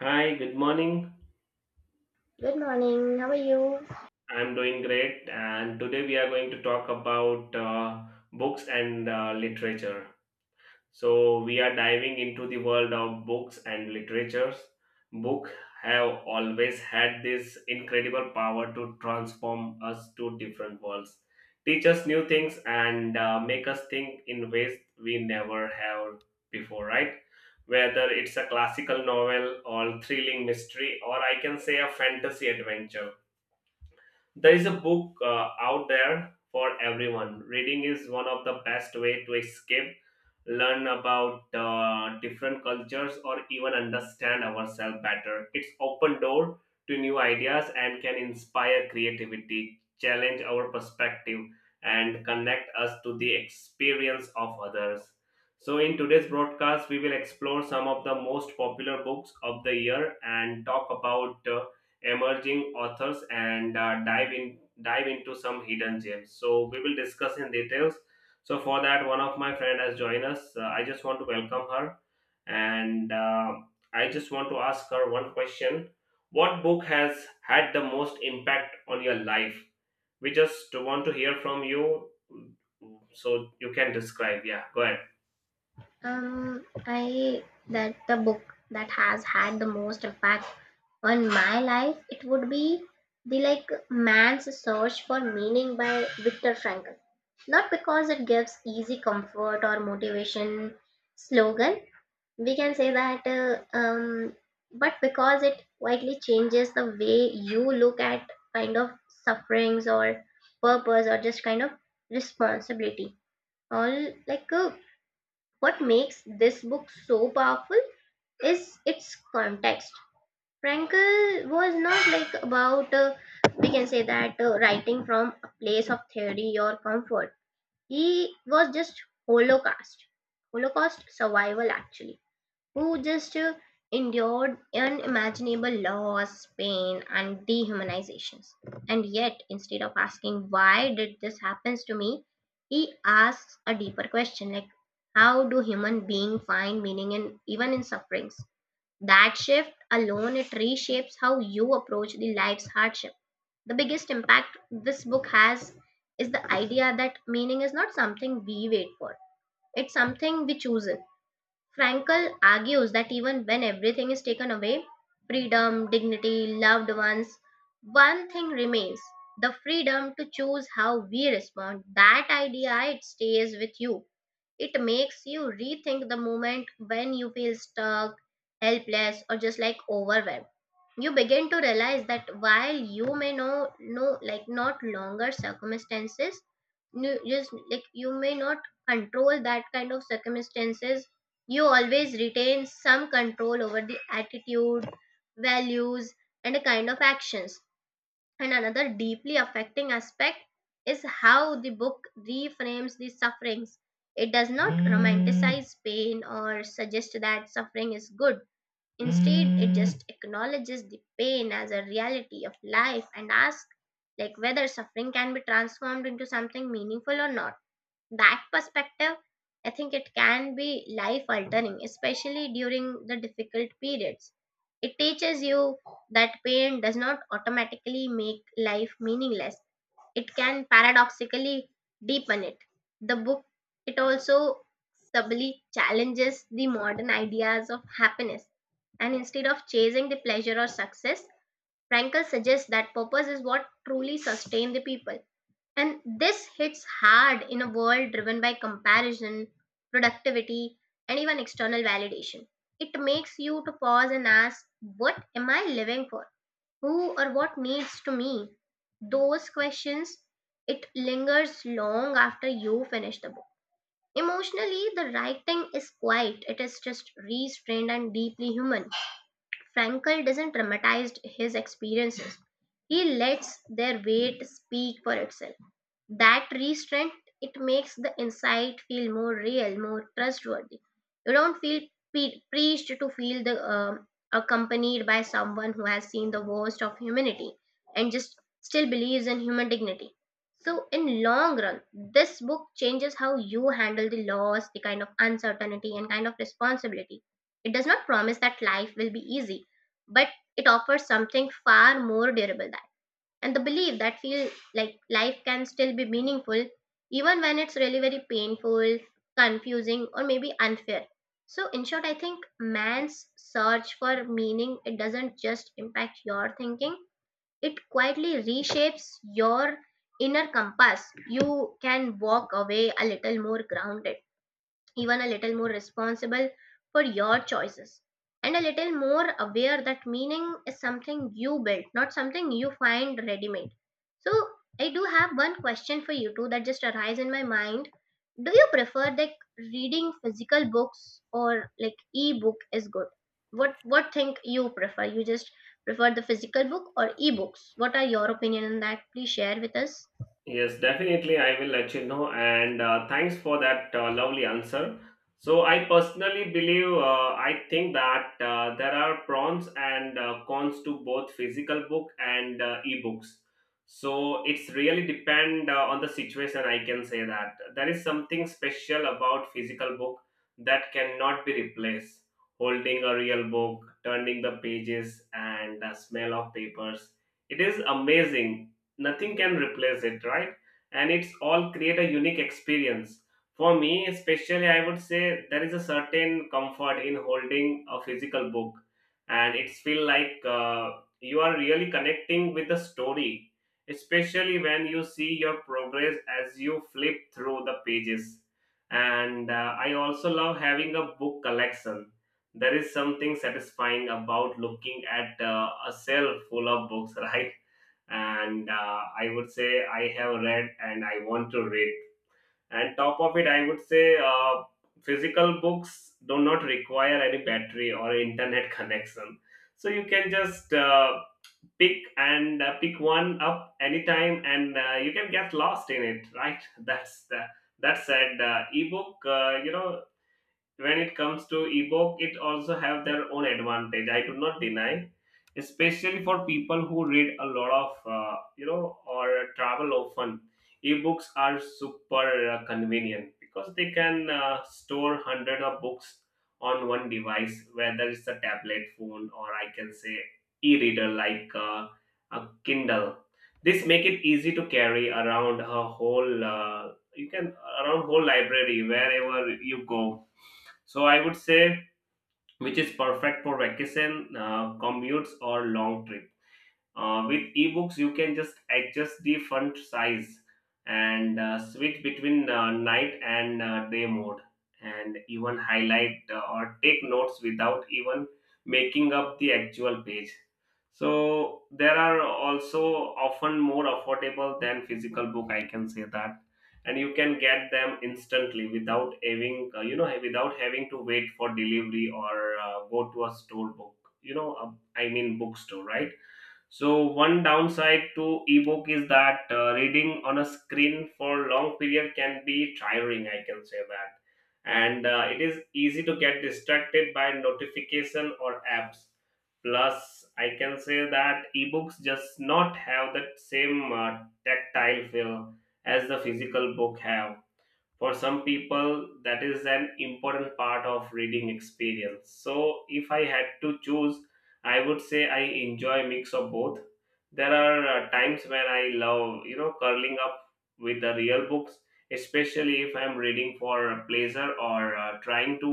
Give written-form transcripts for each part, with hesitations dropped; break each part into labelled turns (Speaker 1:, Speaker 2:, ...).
Speaker 1: Hi, good morning.
Speaker 2: Good morning. How are you?
Speaker 1: I'm doing great, and today we are going to talk about books and literature. So, we are diving into the world of books and literature. Books have always had this incredible power to transform us to different worlds, teach us new things, and make us think in ways we never have before, right? Whether it's a classical novel or thrilling mystery, or I can say a fantasy adventure, there is a book out there for everyone. Reading is one of the best way to escape, learn about different cultures, or even understand ourselves better. It's open door to new ideas and can inspire creativity, challenge our perspective, and connect us to the experience of others. So in today's broadcast we will explore some of the most popular books of the year and talk about emerging authors and dive into some hidden gems. So we will discuss in details. So for that, one of my friend has joined us. I just want to welcome her, and I just want to ask her one question: what book has had the most impact on your life? We just want to hear from you, so you can describe. Yeah, go ahead.
Speaker 2: I that the book that has had the most impact on my life it would be the like Man's Search for Meaning by Viktor Frankl. Not because it gives easy comfort or motivation slogan. We can say that, but because it widely changes the way you look at kind of sufferings or purpose or just kind of responsibility all What makes this book so powerful is its context. Frankel was not like about, we can say that, writing from a place of theory or comfort. He was just Holocaust, Holocaust survival actually who just endured unimaginable loss, pain, and dehumanizations. And yet, instead of asking why did this happens to me, he asks a deeper question like how do human beings find meaning in even in sufferings? That shift alone it reshapes how you approach the life's hardship. The biggest impact this book has is the idea that meaning is not something we wait for. It's something we choose. Frankel argues that even when everything is taken away, freedom, dignity, loved ones, one thing remains, the freedom to choose how we respond. That idea, it stays with you. It makes you rethink the moment when you feel stuck, helpless, or just like overwhelmed. You begin to realize that while you may know like not longer circumstances, you just like you may not control that kind of circumstances, you always retain some control over the attitude, values, and the kind of actions. And another deeply affecting aspect is how the book reframes the sufferings. It does not romanticize pain or suggest that suffering is good. Instead, it just acknowledges the pain as a reality of life and asks like whether suffering can be transformed into something meaningful or not. That perspective, I think it can be life altering, especially during the difficult periods. It teaches you that pain does not automatically make life meaningless, it can paradoxically deepen it. The book, it also subtly challenges the modern ideas of happiness. And instead of chasing the pleasure or success, Frankel suggests that purpose is what truly sustains the people, and this hits hard in a world driven by comparison, productivity, and even external validation. It makes you to pause and ask, what am I living for? Who or what needs to me? Those questions, it lingers long after you finish the book. Emotionally, the writing is quiet. It is just restrained and deeply human. Frankel doesn't dramatize his experiences. He lets their weight speak for itself. That restraint, it makes the insight feel more real, more trustworthy. You don't feel preached to, feel the accompanied by someone who has seen the worst of humanity and just still believes in human dignity. So in long run, this book changes how you handle the loss, the kind of uncertainty, and kind of responsibility. It does not promise that life will be easy, but it offers something far more durable, and the belief that feel like life can still be meaningful even when it's really very painful, confusing, or maybe unfair. So in short, I think Man's Search for Meaning, it doesn't just impact your thinking, it quietly reshapes your inner compass. You can walk away a little more grounded, even a little more responsible for your choices, and a little more aware that meaning is something you build, not something you find ready made. So I do have one question for you too that just arise in my mind. Do you prefer like reading physical books or like e-book is good? What think you prefer? You just prefer the physical book or e-books? What are your opinion on that? Please share with us.
Speaker 1: Yes, definitely. I will let you know. And thanks for that lovely answer. So, I personally believe, I think that there are pros and cons to both physical book and ebooks. So, it's really depend on the situation. I can say that there is something special about physical book that cannot be replaced. Holding a real book, turning the pages, and the smell of papers. It is amazing, nothing can replace it, right? And it's all create a unique experience for me. Especially, I would say there is a certain comfort in holding a physical book, and it's feel like you are really connecting with the story, especially when you see your progress as you flip through the pages. And I also love having a book collection. There is something satisfying about looking at a shelf full of books right? And I would say I have read and I want to read. And top of it, I would say physical books do not require any battery or internet connection. So you can just pick one up anytime, and you can get lost in it, right? That's the— that said, ebook, when it comes to ebook, it also have their own advantage. I do not deny, especially for people who read a lot of or travel often. Ebooks are super convenient because they can store hundred of books on one device, whether it's a tablet phone, or I can say e-reader like a kindle. This make it easy to carry around a whole you can around whole library wherever you go. So I would say, which is perfect for vacation, commutes, or long trips. With ebooks, you can just adjust the font size and switch between night and day mode, and even highlight or take notes without even making up the actual page. So there are also often more affordable than physical book, I can say that, and you can get them instantly without having without having to wait for delivery or go to a store book. You know, I mean bookstore, right? So one downside to ebook is that reading on a screen for long period can be tiring, I can say that, and it is easy to get distracted by notification or apps. Plus, I can say that ebooks just not have that same tactile feel as the physical book have. For some people, that is an important part of reading experience. So if I had to choose, I would say I enjoy mix of both. There are times when I love, you know, curling up with the real books, especially if I'm reading for pleasure or trying to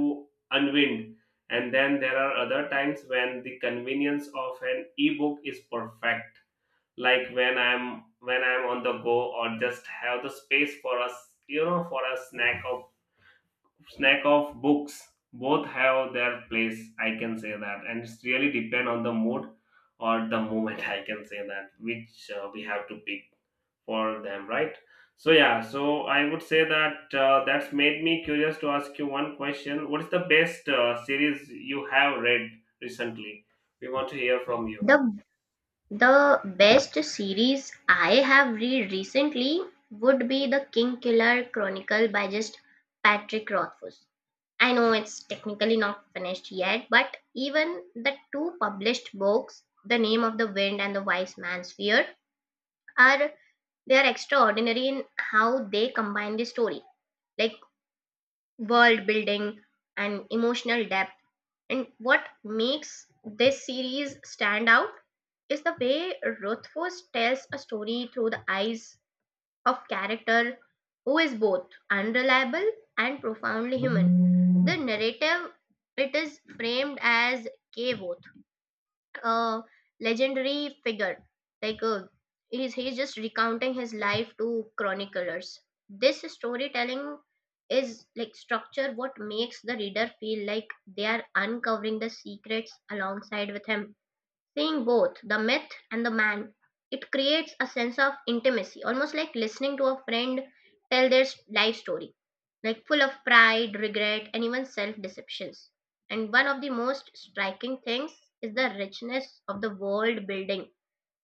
Speaker 1: unwind. And then there are other times when the convenience of an ebook is perfect, like when I'm on the go, or just have the space for us, you know, for a snack of books. Both have their place, I can say that, and it's really depend on the mood or the moment I can say that, which we have to pick for them, right? So yeah, so I would say that that's made me curious to ask you one question: what is the best series you have read recently? We want to hear from you.
Speaker 2: The The best series I have read recently would be The Kingkiller Chronicle by just Patrick Rothfuss. I know it's technically not finished yet, but even the two published books, The Name of the Wind and The Wise Man's Fear, are they are extraordinary in how they combine the story, like world building and emotional depth. And what makes this series stand out is the way Rothfuss tells a story through the eyes of character who is both unreliable and profoundly human. The narrative it is framed as Kvoth, a legendary figure. Like uh, he's just recounting his life to chroniclers. This storytelling is like structure what makes the reader feel like they are uncovering the secrets alongside with him, seeing both the myth and the man. It creates a sense of intimacy, almost like listening to a friend tell their life story, like full of pride, regret, and even self deceptions. And one of the most striking things is the richness of the world building,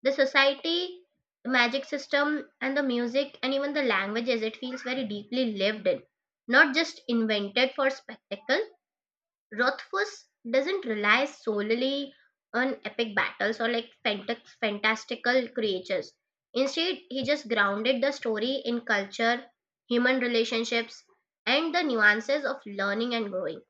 Speaker 2: the society, the magic system, and the music, and even the languages. It feels very deeply lived in, not just invented for spectacle. Rothfuss doesn't rely solely on epic battles or like fantastical creatures. Instead, he just grounded the story in culture, human relationships, and the nuances of learning and growing.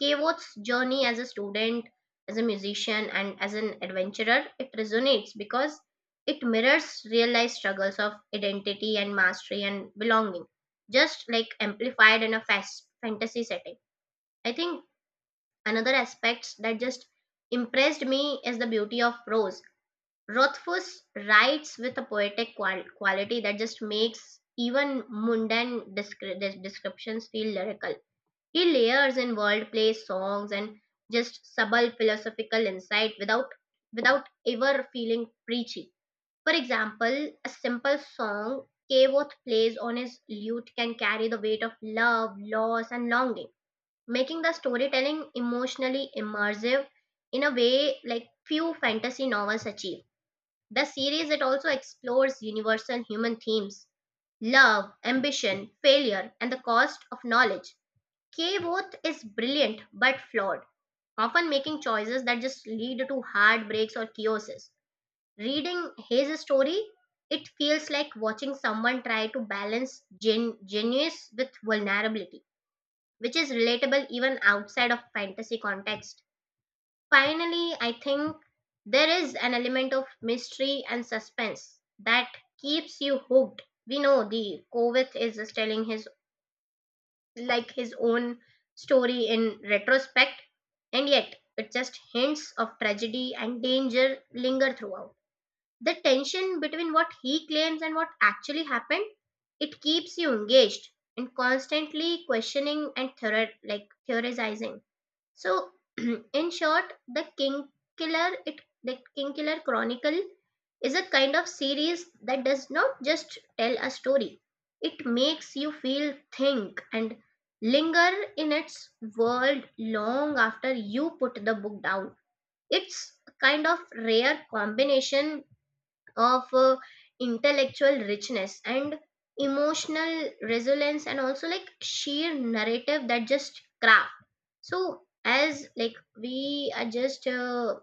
Speaker 2: Kevot's journey as a student, as a musician, and as an adventurer, it resonates because it mirrors real life struggles of identity and mastery and belonging, just like amplified in a fast fantasy setting. I think another aspect that just impressed me is the beauty of prose. Rothfuss writes with a poetic quality that just makes even mundane descriptions feel lyrical. He layers in wordplay, songs, and just subtle philosophical insight without ever feeling preachy. For example, a simple song Kevorth plays on his lute can carry the weight of love, loss, and longing, making the storytelling emotionally immersive in a way like few fantasy novels achieve. The series it also explores universal human themes, love, ambition, failure, and the cost of knowledge. K. Voth is brilliant but flawed, often making choices that just lead to heartbreaks or chaoses. Reading his story, it feels like watching someone try to balance genius with vulnerability, which is relatable even outside of fantasy context. Finally, I think there is an element of mystery and suspense that keeps you hooked. We know the Kovith is just telling his like his own story in retrospect, and yet it just hints of tragedy and danger linger throughout. The tension between what he claims and what actually happened, it keeps you engaged and constantly questioning and like theorizing. So, in short, the King Killer Chronicle is a kind of series that does not just tell a story. It makes you feel, think, and linger in its world long after you put the book down. It's a kind of rare combination of intellectual richness and emotional resilience, and also like sheer narrative that just craft. So as like we are just uh,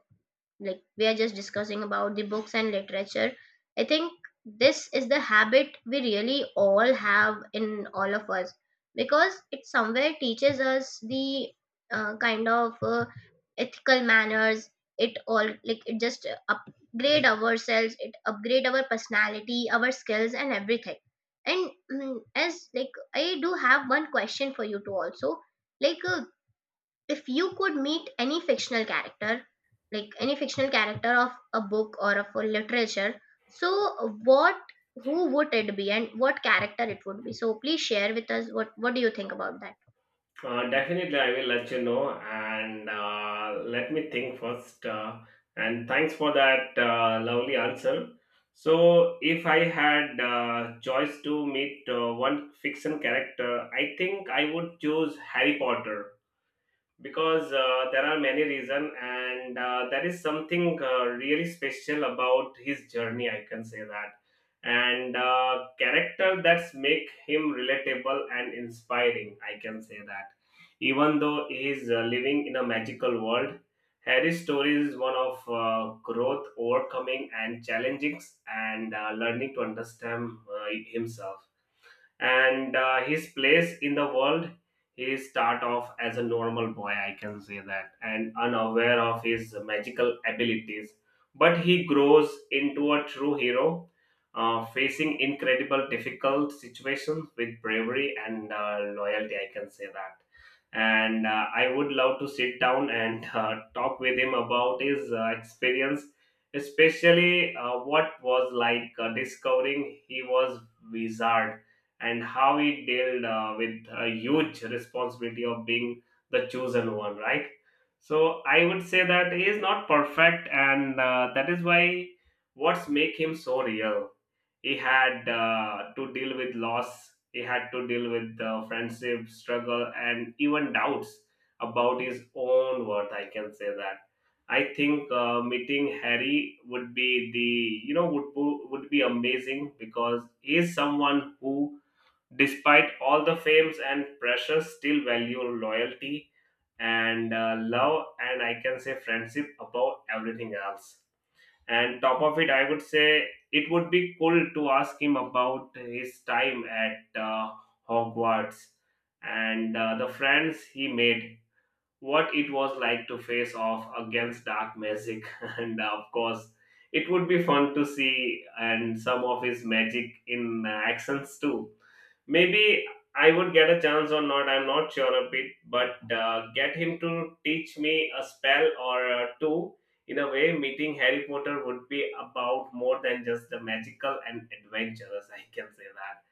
Speaker 2: we are just discussing about the books and literature, I think this is the habit we really all have in all of us, because it somewhere teaches us the uh, kind of uh, ethical manners. It all like it just upgrade ourselves, it upgrade our personality, our skills, and everything. And as like I do have one question for you too also, like uh, if you could meet any fictional character, like any fictional character of a book or of a literature, so what who would it be, and what character it would be? So please share with us, what do you think about that?
Speaker 1: Definitely, I will let you know, and let me think first. And thanks for that lovely answer. So, if I had choice to meet one fiction character, I think I would choose Harry Potter because there are many reasons, and there is something really special about his journey, I can say that, and character that's make him relatable and inspiring, I can say that. Even though he is living in a magical world, Harry's story is one of growth, overcoming and challenging, and learning to understand himself and his place in the world. He start off as a normal boy, I can say that, and unaware of his magical abilities, but he grows into a true hero, facing incredible difficult situations with bravery and loyalty, I can say that. And I would love to sit down and talk with him about his experience, especially what was like discovering he was wizard, and how he dealt with a huge responsibility of being the chosen one, right? So I would say that he is not perfect, and that is why what's make him so real. He had to deal with loss. He had to deal with friendship struggle and even doubts about his own worth, I can say that. I think meeting Harry would be the, you know, would be amazing because he is someone who, despite all the fames and pressure, still value loyalty and love and I can say friendship above everything else. And top of it, I would say it would be cool to ask him about his time at Hogwarts and the friends he made, what it was like to face off against dark magic and of course, it would be fun to see and some of his magic in actions too. Maybe I would get a chance or not, I'm not sure a bit, but get him to teach me a spell or two. In a way, meeting Harry Potter would be about more than just the magical and adventurous, I can say that,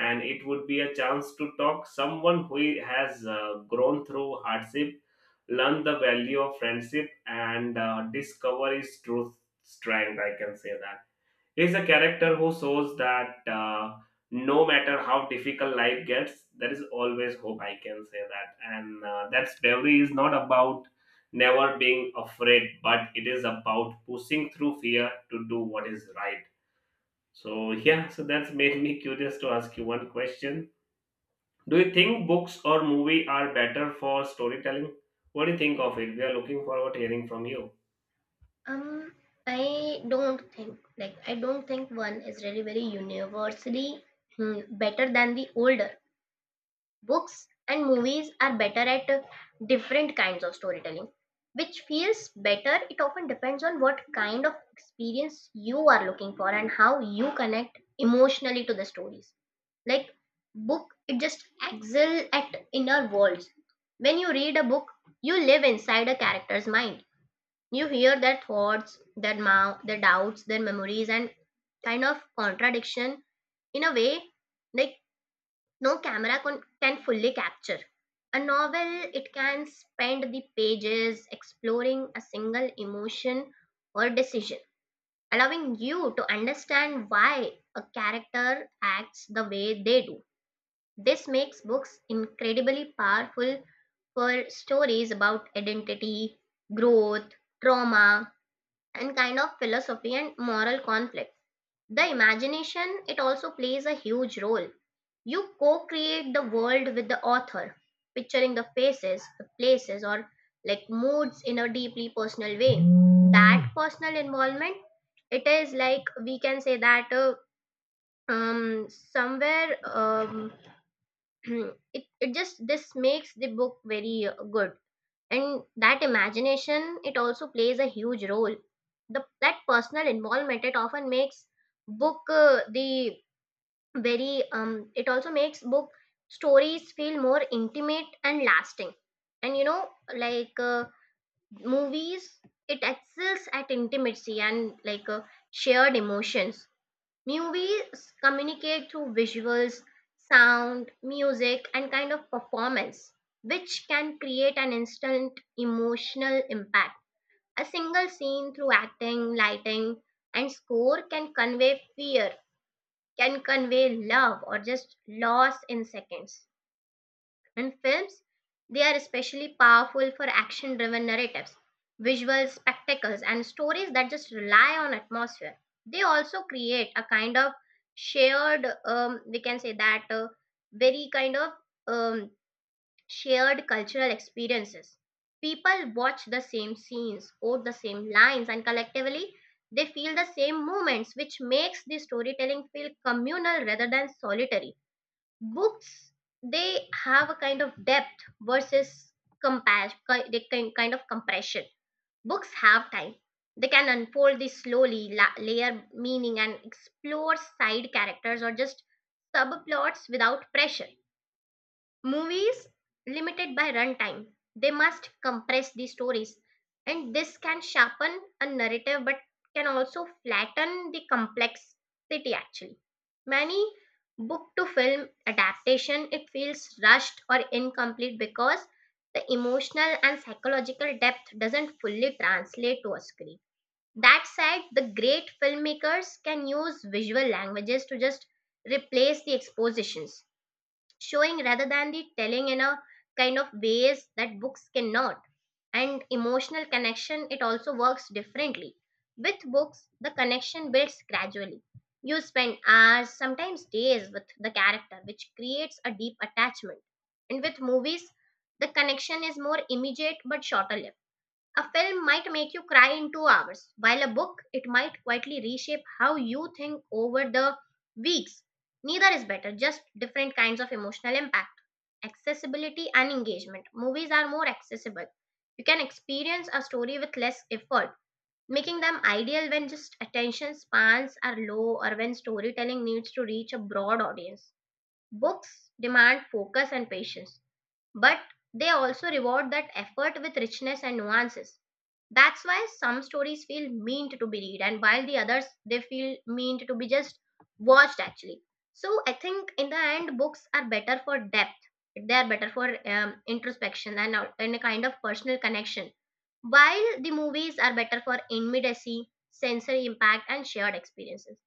Speaker 1: and it would be a chance to talk someone who has grown through hardship, learn the value of friendship, and discover his true strength, I can say that. He's a character who shows that no matter how difficult life gets, there is always hope, I can say that, and that's bravery is not about never being afraid, but it is about pushing through fear to do what is right. So yeah, so that's made me curious to ask you one question. Do you think books or movie are better for storytelling? What do you think of it? We are looking forward to hearing from you.
Speaker 2: Um I don't think like I don't think one is really very universally better than the older. Books and movies are better at different kinds of storytelling. Which feels better it often depends on what kind of experience you are looking for and how you connect emotionally to the stories. Like book it just excel at inner worlds. When you read a book, you live inside a character's mind, you hear their thoughts, their mouth, their doubts, their memories, and kind of contradiction in a way like no camera can fully capture. A novel, it can spend the pages exploring a single emotion or decision, allowing you to understand why a character acts the way they do. This makes books incredibly powerful for stories about identity, growth, trauma, and kind of philosophy and moral conflict. The imagination, it also plays a huge role. You co create the world with the author, picturing the faces, the places, or like moods in a deeply personal way. That personal involvement, it is like we can say that somewhere it just this makes the book very good. And that imagination, it also plays a huge role. The, that personal involvement, it often makes book the very it also makes book stories feel more intimate and lasting. And like uh, movies, it excels at intimacy and shared emotions. Movies communicate through visuals, sound, music, and kind of performance, which can create an instant emotional impact. A single scene through acting, lighting, and score can convey fear, can convey love, or just loss in seconds. And films, they are especially powerful for action driven narratives, visual spectacles, and stories that just rely on atmosphere. They also create a kind of shared, we can say that, very kind of um, shared cultural experiences. People watch the same scenes, quote the same lines, and collectively they feel the same moments, which makes the storytelling feel communal rather than solitary. Books, they have a kind of depth versus compass, they can kind of compression. Books have time; they can unfold this slowly, layer meaning, and explore side characters or just subplots without pressure. Movies, limited by runtime. They must compress the stories, and this can sharpen a narrative but can also flatten the complexity actually. Many book to film adaptation, it feels rushed or incomplete because the emotional and psychological depth doesn't fully translate to a screen. That said, the great filmmakers can use visual languages to just replace the expositions, showing rather than the telling in a kind of ways that books cannot. And emotional connection, it also works differently. With books, the connection builds gradually. You spend hours, sometimes days with the character, which creates a deep attachment. And with movies, the connection is more immediate but shorter lived. A film might make you cry in 2 hours, while a book it might quietly reshape how you think over the weeks. Neither is better, just different kinds of emotional impact. Accessibility and engagement. Movies are more accessible. You can experience a story with less effort, making them ideal when just attention spans are low or when storytelling needs to reach a broad audience. Books demand focus and patience, but they also reward that effort with richness and nuances. That's why some stories feel meant to be read, and while the others they feel meant to be just watched actually. So I think in the end, books are better for depth. They are better for introspection and a kind of personal connection, while the movies are better for immediacy, sensory impact, and shared experiences.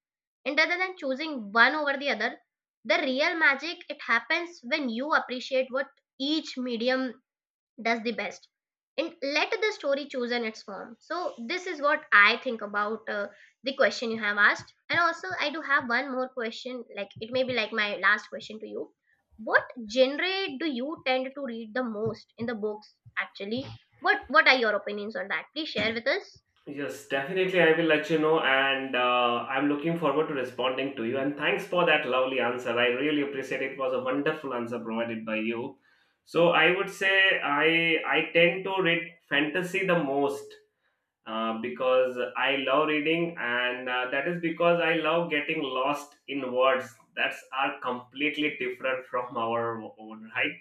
Speaker 2: And rather than choosing one over the other, the real magic, it happens when you appreciate what each medium does the best, and let the story choose in its form. So this is what I think about the question you have asked. And also, I do have one more question, like it may be like my last question to you. What genre do you tend to read the most in the books actually? What are your opinions on that? Please share with us.
Speaker 1: Yes, definitely. I will let you know, and I'm looking forward to responding to you. And thanks for that lovely answer. I really appreciate it. It was a wonderful answer provided by you. So I would say I tend to read fantasy the most because I love reading, and that is because I love getting lost in words that are completely different from our own, right?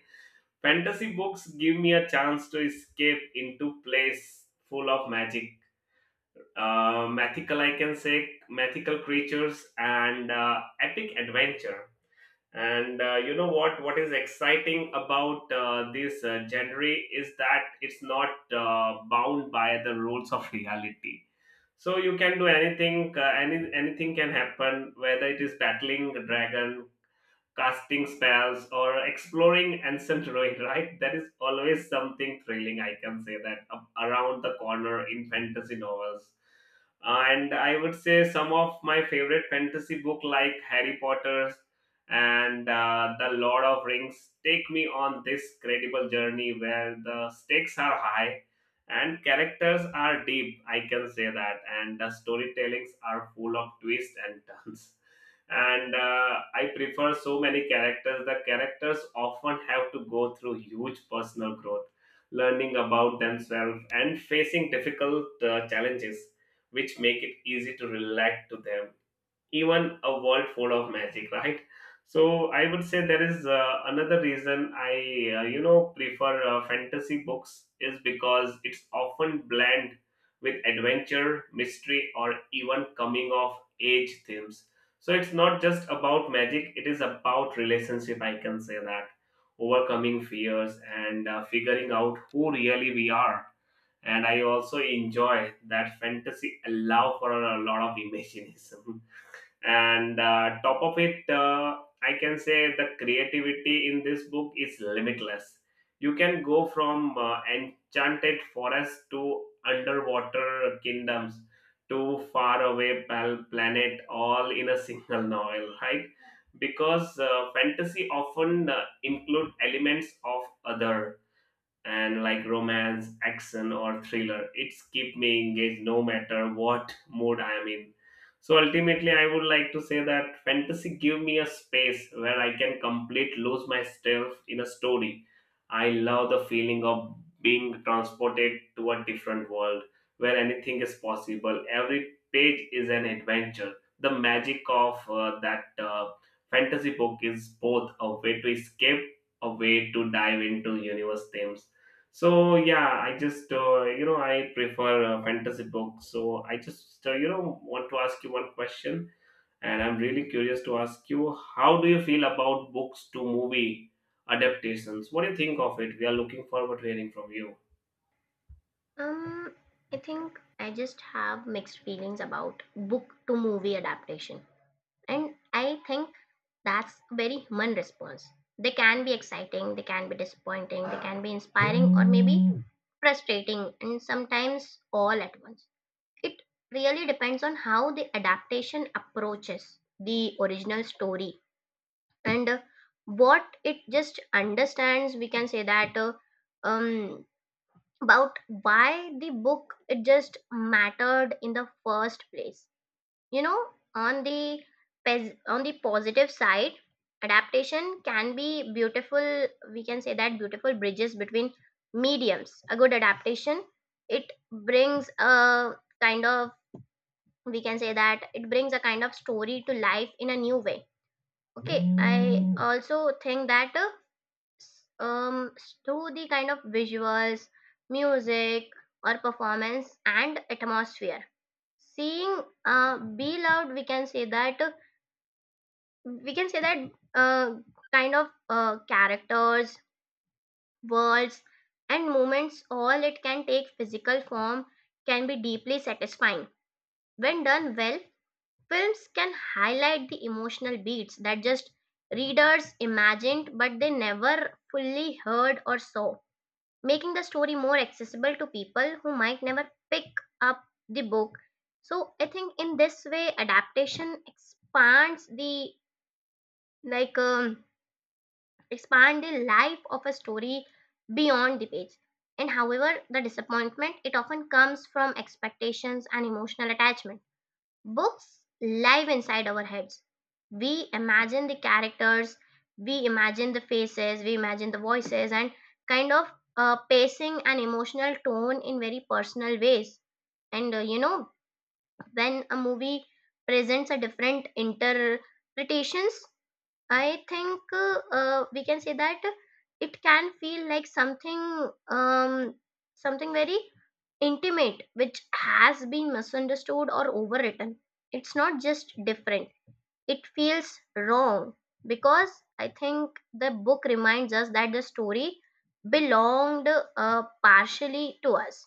Speaker 1: Fantasy books give me a chance to escape into place full of magic, I can say, mythical creatures, and epic adventure. And you know what? What is exciting about this genre is that it's not bound by the rules of reality. So you can do anything. Anything can happen. Whether it is battling a dragon, casting spells, or exploring ancient ruin, right? That is always something thrilling, I can say that, up around the corner in fantasy novels. And I would say some of my favorite fantasy book, like Harry Potter's and The Lord of Rings, take me on this credible journey where the stakes are high and characters are deep, I can say that, and the storytellings are full of twists and turns. And I prefer so many characters. The characters often have to go through huge personal growth, learning about themselves and facing difficult challenges, which make it easy to relate to them, even a world full of magic, right? So I would say there is another reason I, you know, prefer fantasy books is because it's often blend with adventure, mystery, or even coming of age themes. So it's not just about magic, it is about relationship, I can say that, overcoming fears, and figuring out who really we are. And I also enjoy that fantasy allow for a lot of imagination and top of it, I can say the creativity in this book is limitless. You can go from enchanted forest to underwater kingdoms to faraway planet, all in a single novel, right? Because fantasy often include elements of other, and like romance, action, or thriller. It's keep me engaged no matter what mood I am in. So ultimately, I would like to say that fantasy give me a space where I can complete lose myself in a story. I love the feeling of being transported to a different world where anything is possible. Every page is an adventure. The magic of that fantasy book is both a way to escape, a way to dive into universe themes. So yeah, I just, I prefer fantasy books. So I just, want to ask you one question, and I'm really curious to ask you, how do you feel about books to movie adaptations? What do you think of it? We are looking forward to hearing from you.
Speaker 2: Um, I think I just have mixed feelings about book to movie adaptation. And I think that's a very human response. They can be exciting, they can be disappointing, they can be inspiring, or maybe frustrating, and sometimes all at once. It really depends on how the adaptation approaches the original story, and what it just understands. We can say that. Um about why the book it just mattered in the first place, you know. On the on the positive side, adaptation can be beautiful. We can say that, beautiful bridges between mediums. A good adaptation, it brings a kind of, we can say that, it brings a kind of story to life in a new way. Okay. I, also think that um, through the kind of visuals, music, or performance and atmosphere. Seeing Be Loud, we can say that, we can say that uh, kind of characters, worlds, and moments. All it can take physical form, can be deeply satisfying when done well. Films can highlight the emotional beats that just readers imagined but they never fully heard or saw, making the story more accessible to people who might never pick up the book. So I think in this way, adaptation expands the, like um, expand the life of a story beyond the page. And however, the disappointment it often comes from expectations and emotional attachment. Books live inside our heads. We imagine the characters, we imagine the faces, we imagine the voices, and kind of pacing and emotional tone in very personal ways. And when a movie presents a different interpretations, I think we can say that it can feel like something, something very intimate which has been misunderstood or overwritten. It's not just different. It feels wrong because I think the book reminds us that the story belonged partially to us.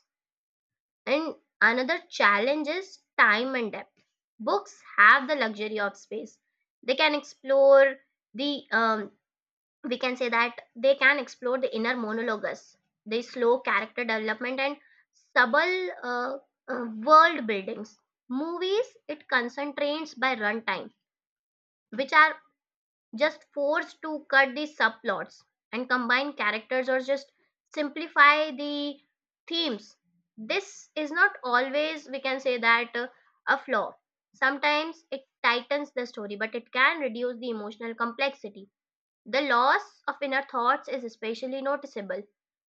Speaker 2: And another challenge is time and depth. Books have the luxury of space. They can explore the, we can say that, they can explore the inner monologues, the slow character development, and subtle world buildings. Movies, it concentrates by runtime, which are just forced to cut the subplots and combine characters, or just simplify the themes. This is not always, we can say that, a flaw. Sometimes it tightens the story, but it can reduce the emotional complexity. The loss of inner thoughts is especially noticeable.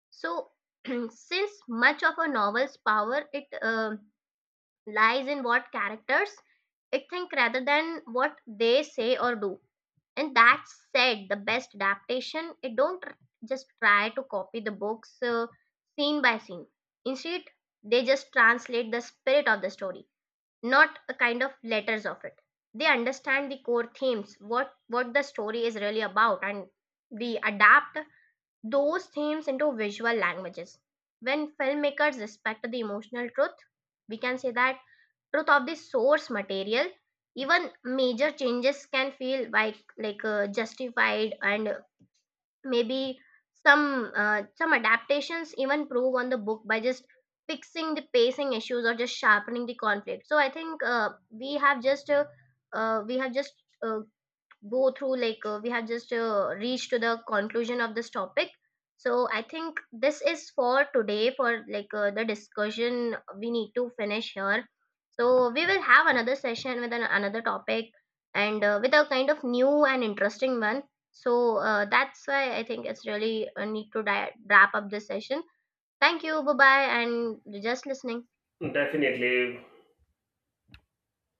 Speaker 2: So, since much of a novel's power it lies in what characters it think rather than what they say or do. And that said, the best adaptation it don't just try to copy the books scene by scene. Instead, they just translate the spirit of the story, not a kind of letters of it. They understand the core themes, what the story is really about, and they adapt those themes into visual languages. When filmmakers respect the emotional truth, we can say that, truth of the source material, even major changes can feel like justified. And maybe some adaptations even prove on the book by just fixing the pacing issues or just sharpening the conflict. So I think we have just uh, go through we have just reached to the conclusion of this topic. So I think this is for today. For the discussion, we need to finish here. So we will have another session with another topic, and with a kind of new and interesting one. So that's why I think it's really need to wrap up this session. Thank you, bye bye, and just listening.
Speaker 1: Definitely,